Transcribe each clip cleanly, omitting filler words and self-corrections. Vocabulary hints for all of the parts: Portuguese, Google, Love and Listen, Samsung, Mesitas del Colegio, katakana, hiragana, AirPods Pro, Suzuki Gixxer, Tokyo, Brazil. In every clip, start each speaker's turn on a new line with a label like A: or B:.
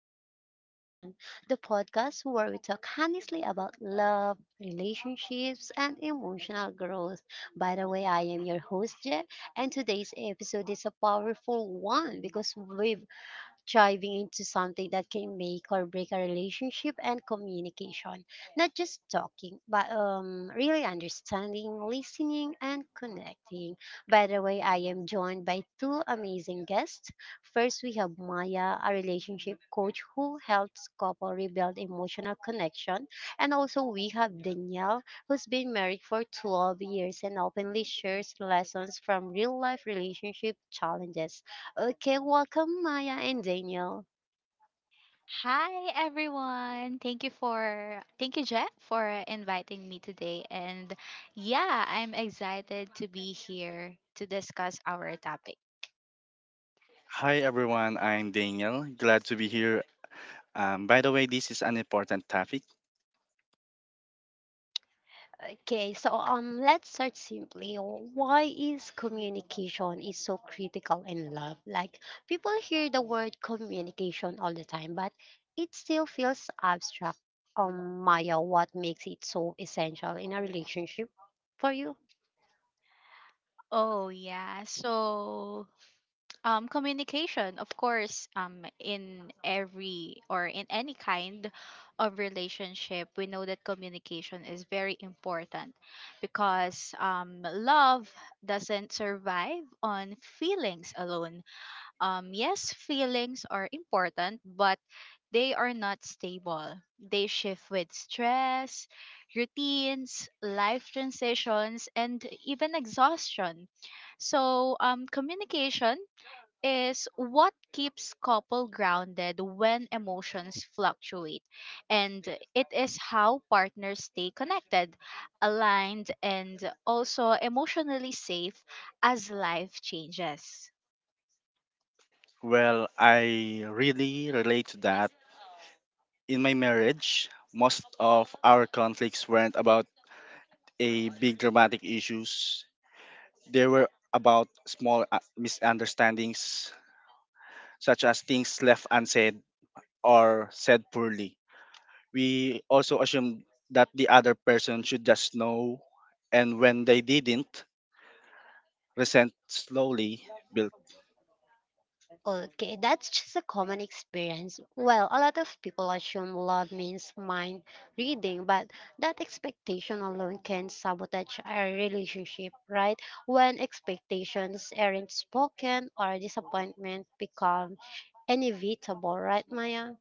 A: and Listen, the podcast where we talk honestly about love, relationships, and emotional growth. By the way, I am your host, Je, and today's episode is a powerful one because we've diving into something that can make or break a relationship and communication. Not just talking, but really understanding, listening, and connecting. By the way, I am joined by two amazing guests. First, we have Maya, a relationship coach who helps couple rebuild emotional connection. And also, we have Danielle, who's been married for 12 years and openly shares lessons from real life relationship challenges. Okay, welcome Maya and Daniel.
B: Hi everyone. Thank you for thank you Jeff for inviting me today and yeah, I'm excited to be here to discuss our topic.
C: Hi everyone, I'm Daniel. Glad to be here. By the way, this is an important topic.
A: Okay, so let's start simply. Why is communication is so critical in love? Like people hear the word communication all the time, but it still feels abstract. Maya, what makes it so essential in a relationship for you?
B: Oh yeah. So communication, of course, in every or in any kind of relationship, we know that communication is very important because love doesn't survive on feelings alone. Yes, feelings are important, but they are not stable. They shift with stress, routines, life transitions, and even exhaustion. So, communication is what keeps couple grounded when emotions fluctuate, and it is how partners stay connected, aligned, and also emotionally safe as life changes.
C: Well, I really relate to that. In my marriage, most of our conflicts weren't about a big dramatic issues. They were about small misunderstandings, such as things left unsaid or said poorly. We also assumed that the other person should just know, and when they didn't, resent slowly built.
A: Okay, that's just a common experience. Well, a lot of people assume love means mind reading, but that expectation alone can sabotage a relationship, right? When expectations aren't spoken or disappointment become inevitable, right, Maya?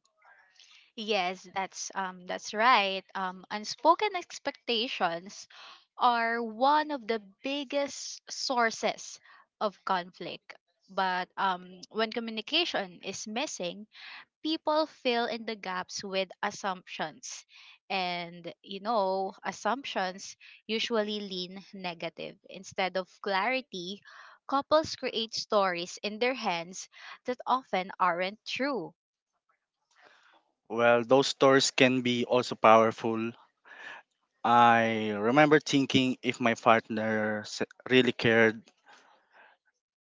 B: Yes, that's that's right. Unspoken expectations are one of the biggest sources of conflict. But when communication is missing, people fill in the gaps with assumptions. And you know, assumptions usually lean negative. Instead of clarity, couples create stories in their hands that often aren't true.
C: Well, those stories can be also powerful. I remember thinking if my really cared,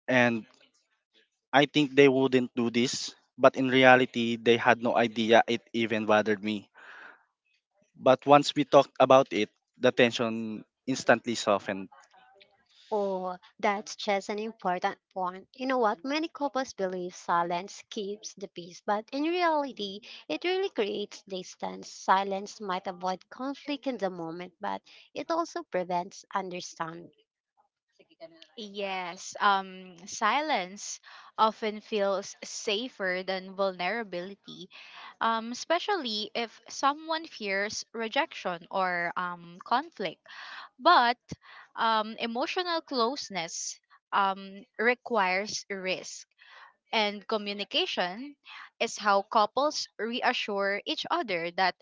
C: and I think they wouldn't do this, but in reality, they had no idea it even bothered me. But once we talked about it, the tension instantly softened.
A: Oh, that's just an important point. You know what? Many couples believe silence keeps the peace, but in reality, it really creates distance. Silence might avoid conflict in the moment, but it also prevents understanding.
B: Yes, silence often feels safer than vulnerability, especially if someone fears rejection or conflict. But emotional closeness requires risk, and communication is how couples reassure each other that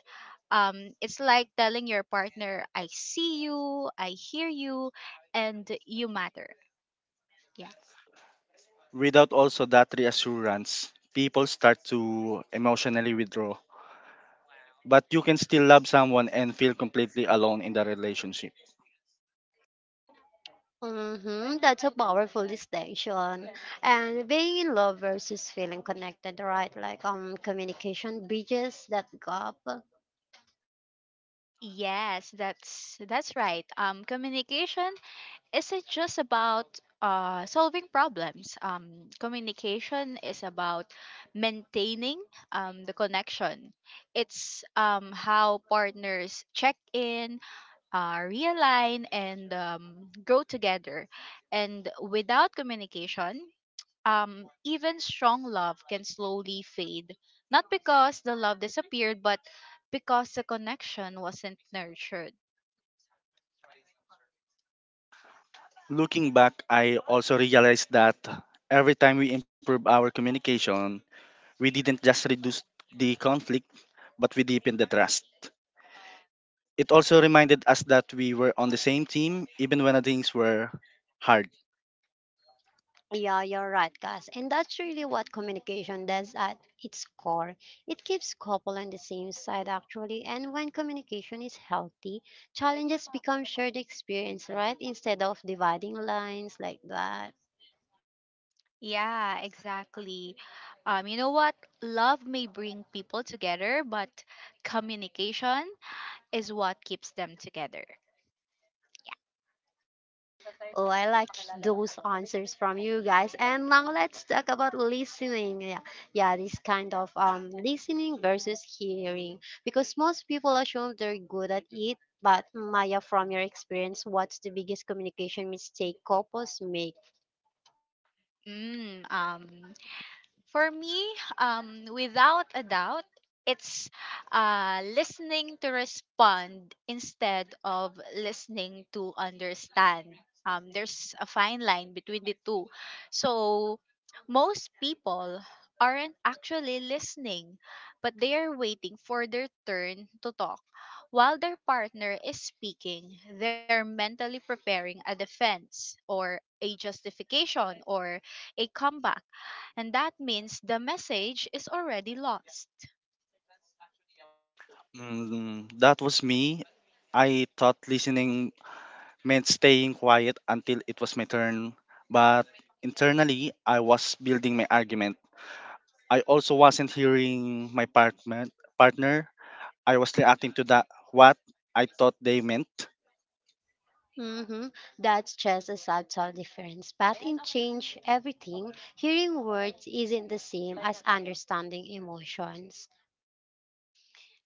B: it's like telling your partner, I see you, I hear you, and you matter. Yeah.
C: Without also that reassurance, people start to emotionally withdraw. But you can still love someone and feel completely alone in the relationship.
A: Mm-hmm, that's a powerful distinction. And being in love versus feeling connected, right? Like communication bridges that gap.
B: Yes, that's right. Communication isn't just about solving problems. Communication is about maintaining the connection. It's how partners check in, realign, and grow together. And without communication, even strong love can slowly fade. Not because the love disappeared, but because the connection wasn't nurtured.
C: Looking back, I also realized that every time we improved our communication, we didn't just reduce the conflict, but we deepened the trust. It also reminded us that we were on the same team even when things were hard.
A: Yeah, you're right, guys. And that's really what communication does at its core. It keeps couple on the same side, actually. And when communication is healthy, challenges become shared experience, right? Instead of dividing lines like that.
B: Yeah, exactly. You know what? Love may bring people together, but communication is what keeps them together.
A: Oh, I like those answers from you guys. And now let's talk about listening. Yeah, yeah, this kind of listening versus hearing, because most people assume they're good at it. But Maya, from your experience, what's the biggest communication mistake couples make?
B: Mm, um, For me, without a doubt, it's listening to respond instead of listening to understand. There's a fine line between the two. So, most people aren't actually listening, but they are waiting for their turn to talk. While their partner is speaking, they're mentally preparing a defense or a justification or a comeback, and that means the message is already lost.
C: Mm, that was me. I thought listening meant staying quiet until it was my turn, but internally, I was building my argument. I also wasn't hearing my partner, I was reacting to that what I thought they meant.
A: Mm-hmm. That's just a subtle difference. But in change everything, hearing words isn't the same as understanding emotions.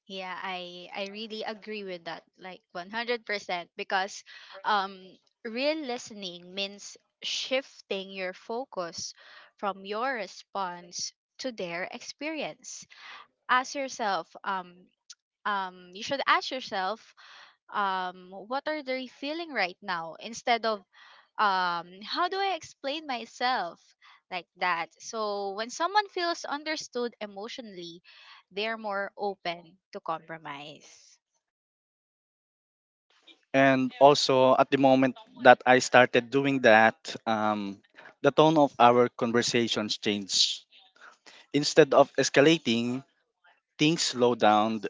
B: Yeah, I really agree with that, like 100%, because um real listening means shifting your focus from your response to their experience. Ask yourself you should ask yourself what are they feeling right now instead of how do I explain myself, like that? So when someone feels understood emotionally, they're more open to compromise.
C: And also at the moment that I started doing that, um, the tone of our conversations changed. Instead of escalating, things slowed down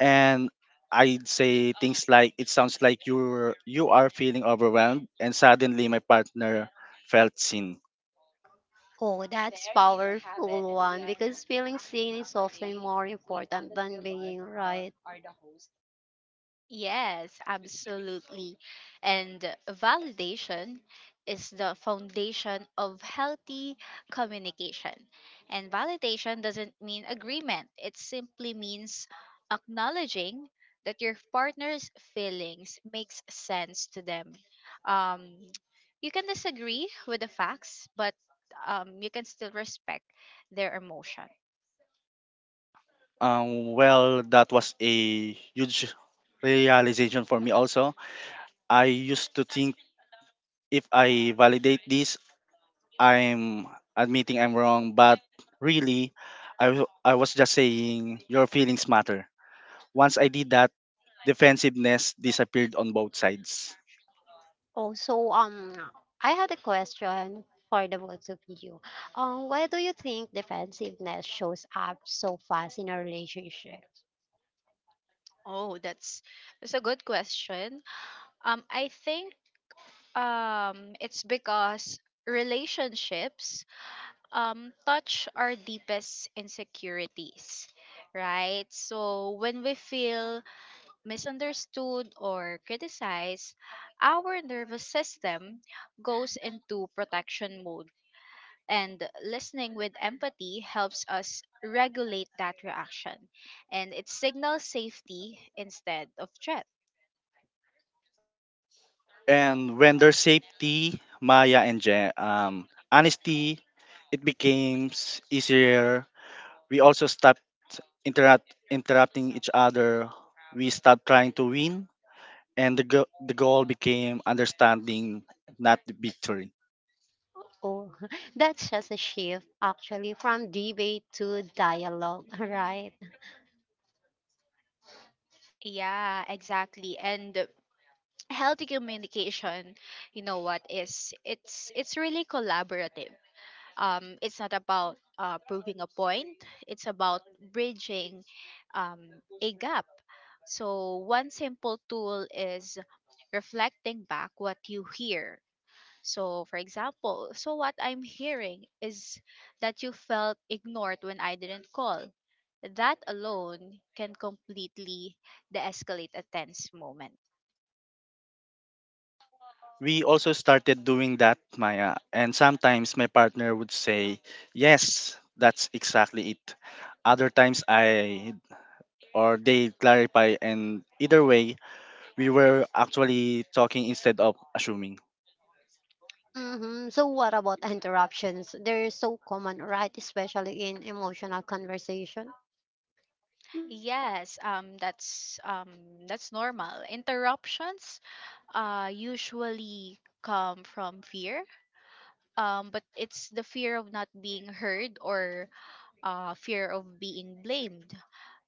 C: and I'd say things like it sounds like you are feeling overwhelmed and suddenly my partner felt seen.
A: Oh, that's there you have it. Powerful. We one are because feeling seen is often more important than being right. Are the host.
B: Yes, absolutely. And validation is the foundation of healthy communication. And validation doesn't mean agreement, it simply means acknowledging that your partner's feelings makes sense to them. Um, you can disagree with the facts, but you can still respect their emotion.
C: Well that was a huge realization for me also. I used to think if I validate this I'm admitting I'm wrong, but really, I was just saying your feelings matter. Once I did that, defensiveness disappeared on both sides.
A: Also, I had a question for the both of you. Why do you think defensiveness shows up so fast in a relationship?
B: Oh, that's a good question. I think It's because relationships touch our deepest insecurities, right? So when we feel misunderstood or criticized, our nervous system goes into protection mode. And listening with empathy helps us regulate that reaction. And it signals safety instead of threat.
C: And when there's safety, Maya and honesty, it easier. We also stopped interrupt, interrupting each other. We stopped trying to win, and the goal became understanding, not the victory.
A: Oh, that's just a shift actually from debate to dialogue, right?
B: Yeah, exactly. And healthy communication, you know what, is it's really collaborative. It's not about proving a point, it's about bridging um, a gap. So one simple tool is reflecting back what you hear. So for example, so what I'm hearing is that you felt ignored when I didn't call. That alone can completely de-escalate a tense moment.
C: We also started doing that, Maya. And sometimes my partner would say, yes, that's exactly it. Other times I or they clarify, and either way, we were actually talking instead of assuming.
A: Mm-hmm. So, what about interruptions? They're so common, right? Especially in emotional conversation.
B: Yes, that's normal. Interruptions usually come from fear, but it's the fear of not being heard or fear of being blamed.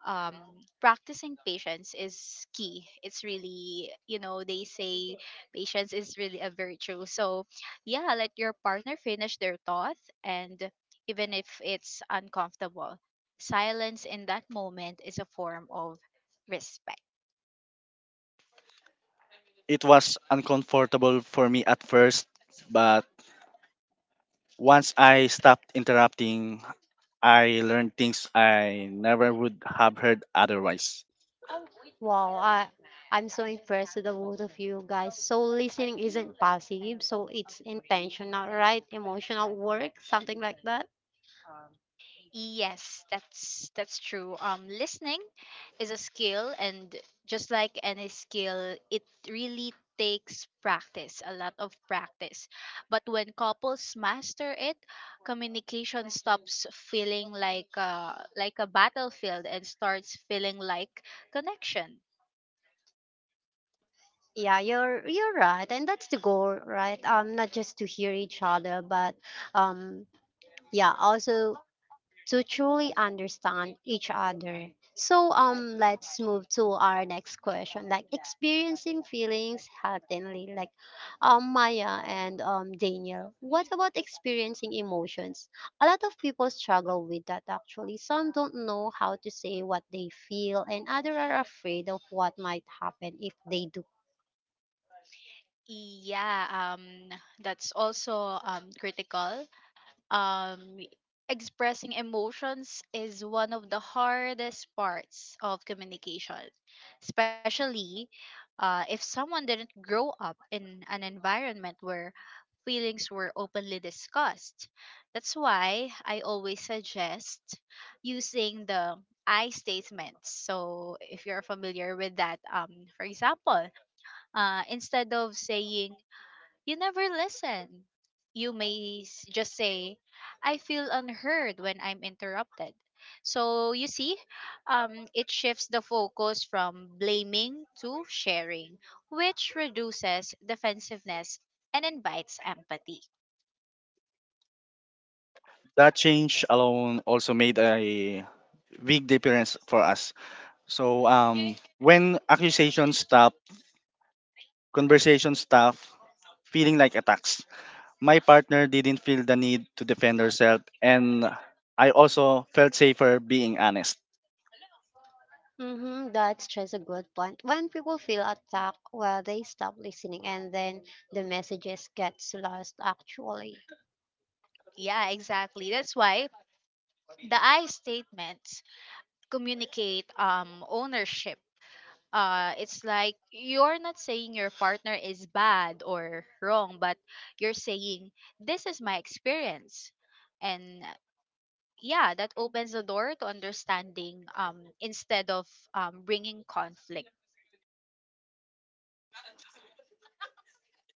B: Um, Practicing patience is key. It's really, you know, they say patience is really a virtue. So, yeah, let your partner finish their thought, and even if it's uncomfortable, silence in that moment is a form of respect.
C: It was uncomfortable for me at first, but once I stopped interrupting, I learned things I never would have heard otherwise.
A: Wow, I'm so impressed with the both of you guys. So listening isn't passive, so it's intentional, right? Emotional work, something like that.
B: Yes, that's true. Listening is a skill, and just like any skill, it really takes practice, a lot of practice. But when couples master it, communication stops feeling like a battlefield and starts feeling like connection.
A: Yeah, you're right, and that's the goal, right? Not just to hear each other, but um, yeah, also to truly understand each other. So let's move to our next question, like experiencing feelings healthily, like Maya and Daniel, what about experiencing emotions? A lot of people struggle with that, actually. Some don't know how to say what they feel, and others are afraid of what might happen if they do.
B: yeah um that's also critical. um Expressing emotions is one of the hardest parts of communication, especially if someone didn't grow up in an environment where feelings were openly discussed. That's why I always suggest using the I statements. So if you're familiar with that, for example, instead of saying you never listen, you may just say, I feel unheard when I'm interrupted. So you see, it shifts the focus from blaming to sharing, which reduces defensiveness and invites empathy.
C: That change alone also made a big difference for us. When accusations stop, conversation stop, feeling like attacks. My partner didn't feel the need to defend herself, and I also felt safer being honest.
A: Mm-hmm, that's just a good point. When people feel attacked, well, they stop listening and then the messages gets lost actually.
B: Yeah, exactly. That's why the I statements communicate ownership. It's like, you're not saying your partner is bad or wrong, but you're saying this is my experience. And yeah, that opens the door to understanding instead of bringing conflict.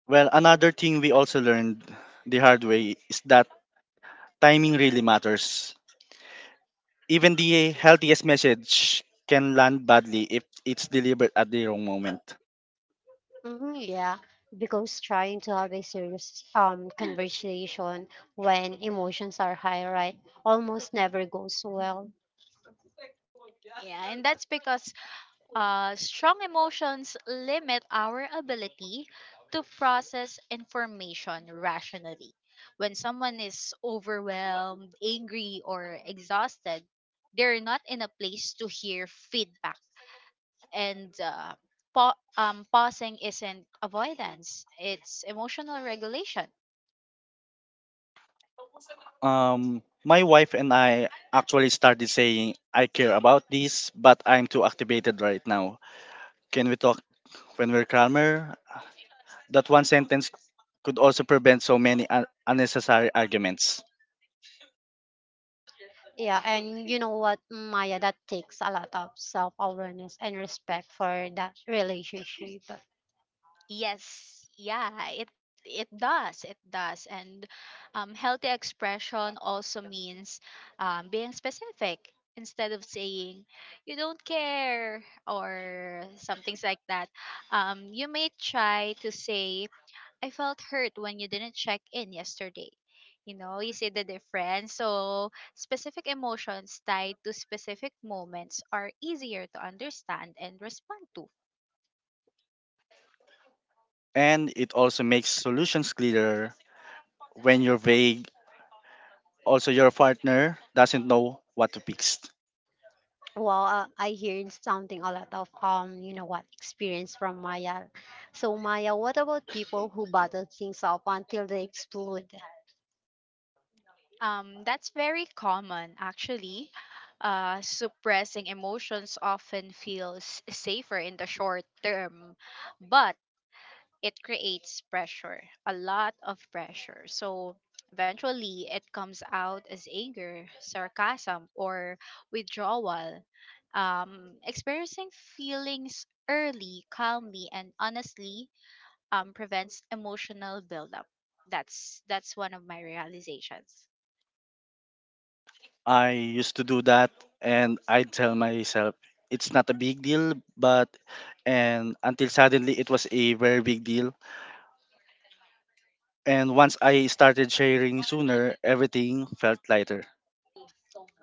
C: Well, another thing we also learned the hard way is that timing really matters. Even the healthiest message can land badly if it's delivered at the wrong moment.
A: Hmm, yeah, because trying to have a serious conversation when emotions are high, right, almost never goes well.
B: Yeah, and that's because strong emotions limit our ability to process information rationally. When someone is overwhelmed, angry, or exhausted, they're not in a place to hear feedback. And pausing isn't avoidance, it's emotional regulation.
C: My wife and I actually started saying, I care about this, but I'm too activated right now. Can we talk when we're calmer? That one sentence could also prevent so many unnecessary arguments.
A: Yeah, and you know what, Maya, that takes a lot of self-awareness and respect for that relationship.
B: Yes, yeah, it does, and healthy expression also means being specific. Instead of saying you don't care or some things like that, you may try to say I felt hurt when you didn't check in yesterday. You know, you see the difference. So specific emotions tied to specific moments are easier to understand and respond to.
C: And it also makes solutions clearer when you're vague. Also, your partner doesn't know what to fix.
A: Well, I hear something a lot of experience from Maya. So Maya, what about people who bottle things up until they explode?
B: That's very common, actually. Suppressing emotions often feels safer in the short term, but it creates pressure, a lot of pressure. So eventually, it comes out as anger, sarcasm, or withdrawal. Experiencing feelings early, calmly, and honestly prevents emotional buildup. That's one of my realizations.
C: I used to do that, and I tell myself it's not a big deal, but and until suddenly it was a very big deal. And once I started sharing sooner, everything felt lighter.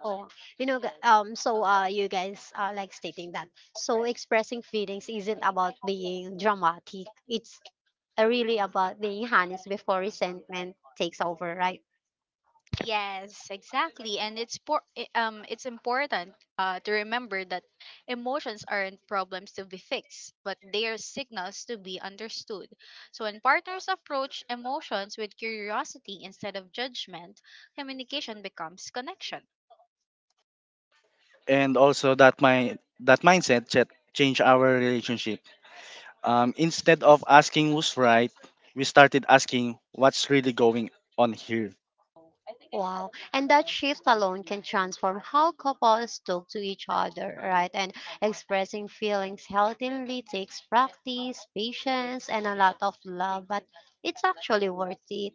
A: Oh, so you guys are like stating that. So expressing feelings isn't about being dramatic. It's really about being honest before resentment takes over, right?
B: Yes, exactly. And it's important to remember that emotions aren't problems to be fixed, but they are signals to be understood. So when partners approach emotions with curiosity instead of judgment, communication becomes connection.
C: And also that my that changed our relationship. Instead of asking who's right, we started asking what's really going on here.
A: Wow. And that shift alone can transform how couples talk to each other, right? And expressing feelings healthily takes practice, patience, and a lot of love, but it's actually worth it.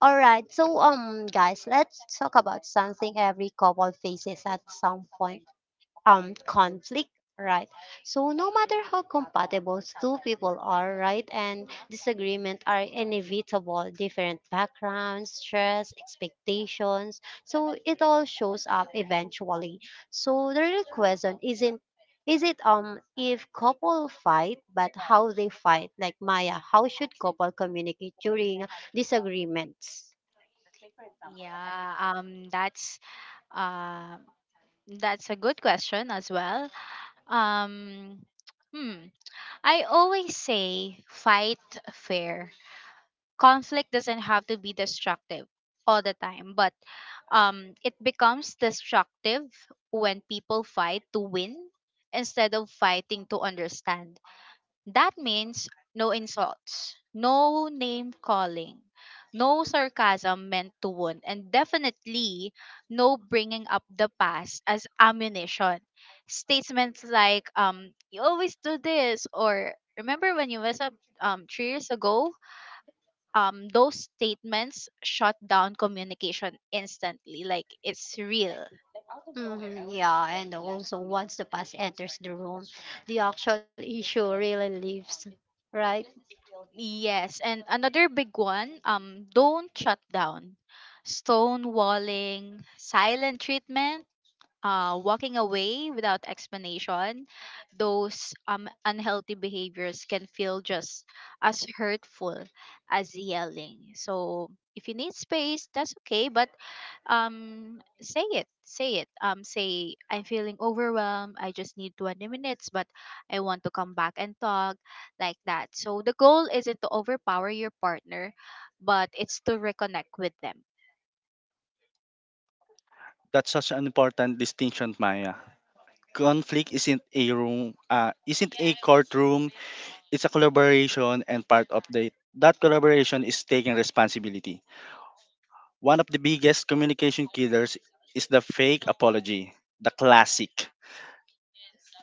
A: All right. So guys, let's talk about something every couple faces at some point. Conflict, right? So no matter how compatible two people are, right? And disagreement are inevitable: different backgrounds, stress, expectations. So it all shows up eventually. So the real question isn't is it if couple fight, but how they fight? Like Maya, how should couple communicate during disagreements?
B: Yeah, that's uh that's a good question as well. Um hmm I always say fight fair. Conflict doesn't have to be destructive all the time, but it becomes destructive when people fight to win instead of fighting to understand. That means no insults, no name calling, no sarcasm meant to wound, and definitely no bringing up the past as ammunition. Statements like you always do this or remember when you messed up 3 years ago, those statements shut down communication instantly, like it's real.
A: Mhm, yeah, and also once the past enters the room, the actual issue really leaves, right?
B: Yes, and another big one, don't shut down. Stonewalling, silent treatment, walking away without explanation, those unhealthy behaviors can feel just as hurtful as yelling. So if you need space, that's okay, but say I'm feeling overwhelmed, I just need 20 minutes, but I want to come back and talk, like that. So the goal isn't to overpower your partner, but it's to reconnect with them.
C: That's such an important distinction, Maya. Conflict isn't a room, isn't a courtroom. It's a collaboration, and part of the that collaboration is taking responsibility. One of the biggest communication killers is the fake apology, the classic.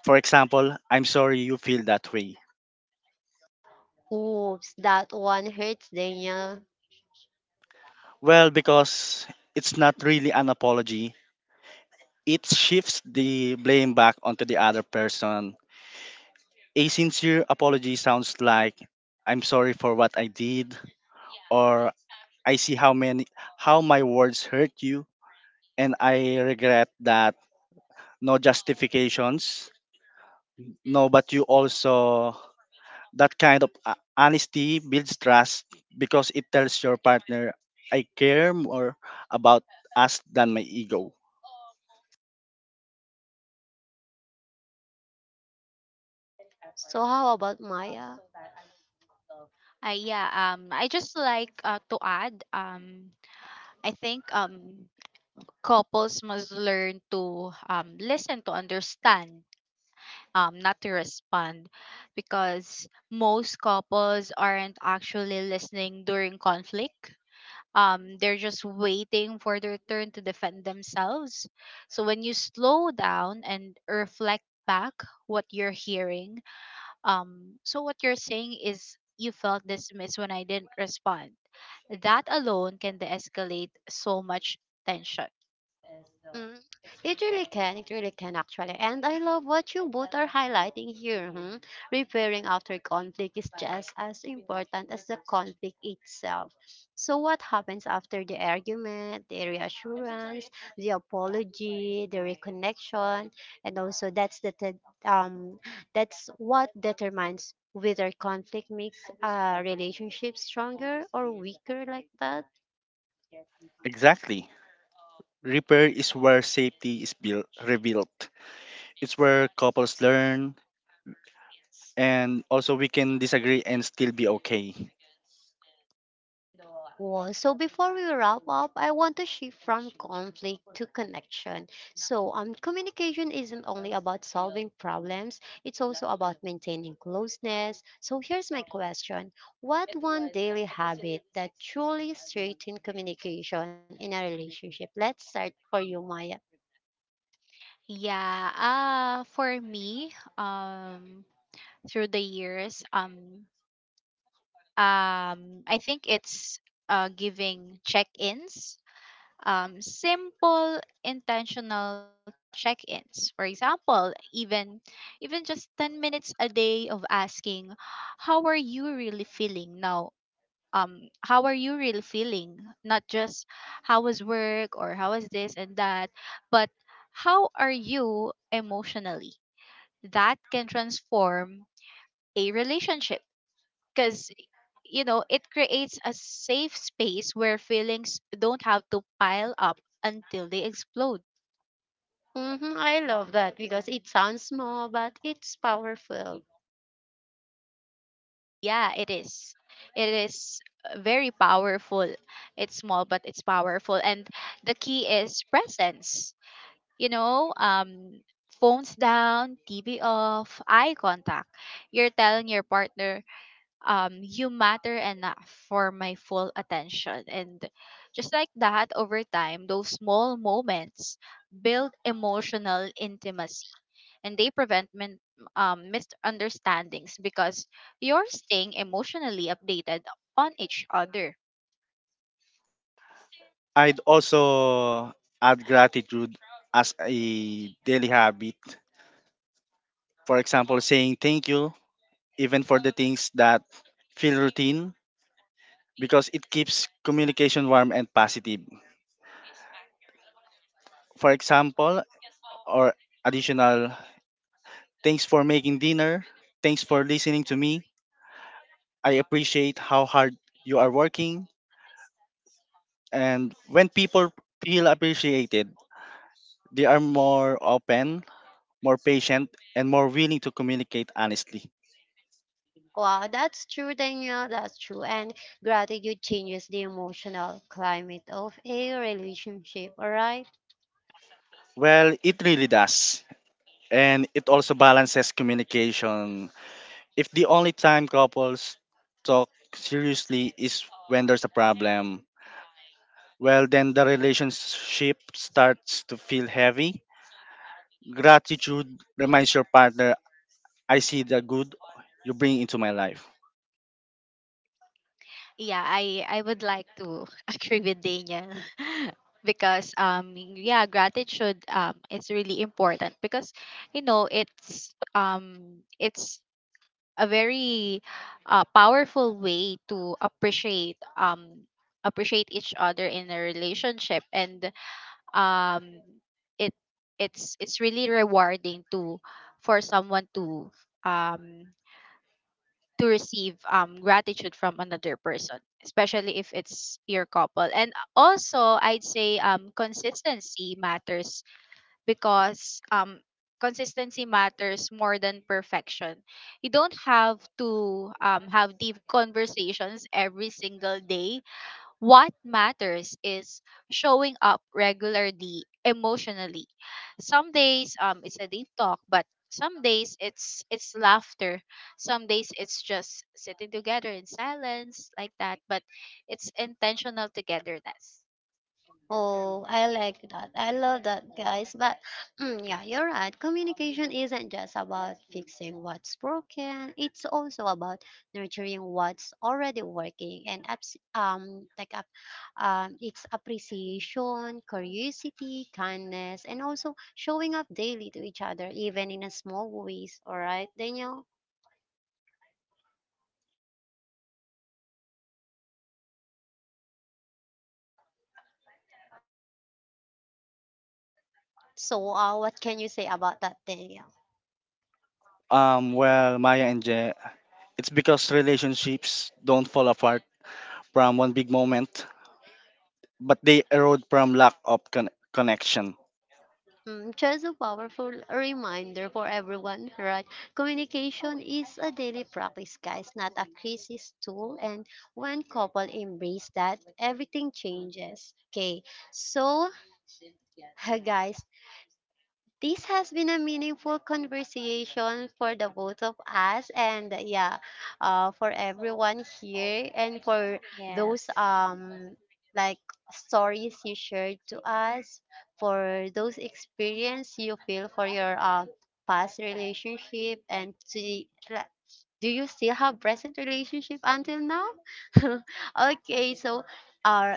C: For example, I'm sorry you feel that way.
A: Oops, that one hurts, Daniel.
C: Well, because it's not really an apology. It shifts the blame back onto the other person. A sincere apology sounds like I'm sorry for what I did, or I see how many how my words hurt you and I regret that, no justifications. No, but you also that kind of honesty builds trust because it tells your partner I care more about us than my ego.
A: So how about Maya?
B: Yeah I just like to add, I think couples must learn to listen to understand, not to respond. Because most couples aren't actually listening during conflict, they're just waiting for their turn to defend themselves. So when you slow down and reflect back what you're hearing, so what you're saying is you felt dismissed when I didn't respond, that alone can de-escalate so much tension.
A: Mm. It really can. It really can, actually. And I love what you both are highlighting here. Hmm? Repairing after conflict is just as important as the conflict itself. So, what happens after the argument, the reassurance, the apology, the reconnection, and also that's what determines whether conflict makes a relationship stronger or weaker, like that.
C: Exactly. Repair is where safety is rebuilt. It's where couples learn, and also we can disagree and still be okay.
A: Well, so before we wrap up, I want to shift from conflict to connection. So, communication isn't only about solving problems, it's also about maintaining closeness. So, here's my question: what one daily habit that truly strengthens communication in a relationship? Let's start for you, Maya.
B: Yeah for me, um through the years I think it's giving check-ins, simple intentional check-ins. For example, even just 10 minutes a day of asking how are you really feeling now, how are you really feeling, not just how was work or how was this and that, but how are you emotionally. That can transform a relationship because, you know, it creates a safe space where feelings don't have to pile up until they explode.
A: Hmm, I love that because it sounds small, but it's powerful.
B: Yeah, it is. It is very powerful. It's small, but it's powerful. And the key is presence. You know, phones down, TV off, eye contact. You're telling your partner, you matter enough for my full attention. And just like that, over time, those small moments build emotional intimacy, and they prevent misunderstandings, because you're staying emotionally updated on each other.
C: I'd also add gratitude as a daily habit. For example, saying thank you even for the things that feel routine, because it keeps communication warm and positive. For example, or additional thanks for making dinner, thanks for listening to me, I appreciate how hard you are working. And when people feel appreciated, they are more open, more patient, and more willing to communicate honestly.
A: Wow, that's true, Danielle. That's true. And gratitude changes the emotional climate of a relationship. All right.
C: Well, it really does. And it also balances communication. If the only time couples talk seriously is when there's a problem, well, then the relationship starts to feel heavy. Gratitude reminds your partner, I see the good you bring into my life.
B: Yeah, I would like to agree with Daniel. Because yeah, gratitude is really important, because you know it's a very powerful way to appreciate each other in a relationship. And um it it's really rewarding to for someone to um receive gratitude from another person, especially if it's your couple. And also, I'd say consistency matters, because consistency matters more than perfection. You don't have to have deep conversations every single day. What matters is showing up regularly emotionally. Some days it's a deep talk, but some days it's laughter. Some days it's just sitting together in silence, like that, but it's intentional togetherness.
A: Oh, I like that. I love that, guys. But mm, yeah, you're right. Communication isn't just about fixing what's broken. It's also about nurturing what's already working, and abs- like up it's appreciation, curiosity, kindness, and also showing up daily to each other, even in a small ways. All right, Danielle. So, what can you say about that, Daniel?
C: Well, Maya and Je, it's because relationships don't fall apart from one big moment, but they erode from lack of connection.
A: Mm, just a powerful reminder for everyone, right? Communication is a daily practice, guys, not a crisis tool. And when couple embrace that, everything changes. Okay, so guys, this has been a meaningful conversation for the both of us and yeah, for everyone here and for those
B: Yes.
A: like stories you shared to us, for those experience you feel for your past relationship, and to the, like, do you still have present relationship until now? Okay, so uh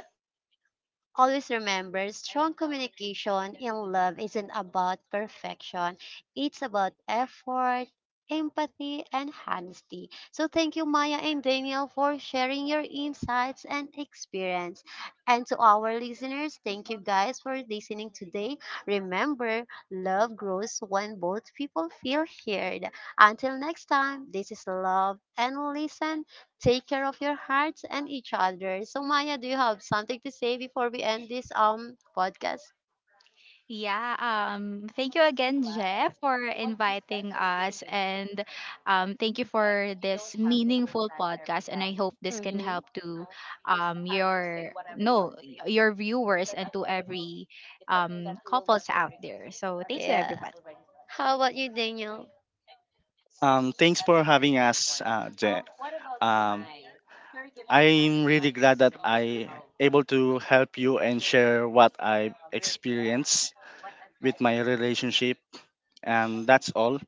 A: always remember, strong communication in love isn't about perfection. It's about effort, empathy, and honesty. So thank you, Maya and Daniel, for sharing your insights and experience. And to our listeners, thank you guys for listening today. Remember, love grows when both people feel heard. Until next time, this is Love and Listen. Take care of your hearts and each other. So Maya, do you have something to say before we end this podcast?
B: Yeah, thank you again, Jeff, for inviting us. And thank you for this meaningful podcast. And I hope this can
A: Mm-hmm.
B: help to your no your viewers and to every couples out there. So thank you,
A: Yeah.
B: everybody.
A: How about you, Daniel?
C: Thanks for having us, Je. Um, I'm really glad that I able to help you and share what I experienced with my relationship, and that's all.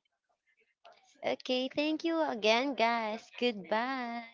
A: Okay, thank you again, guys. Goodbye.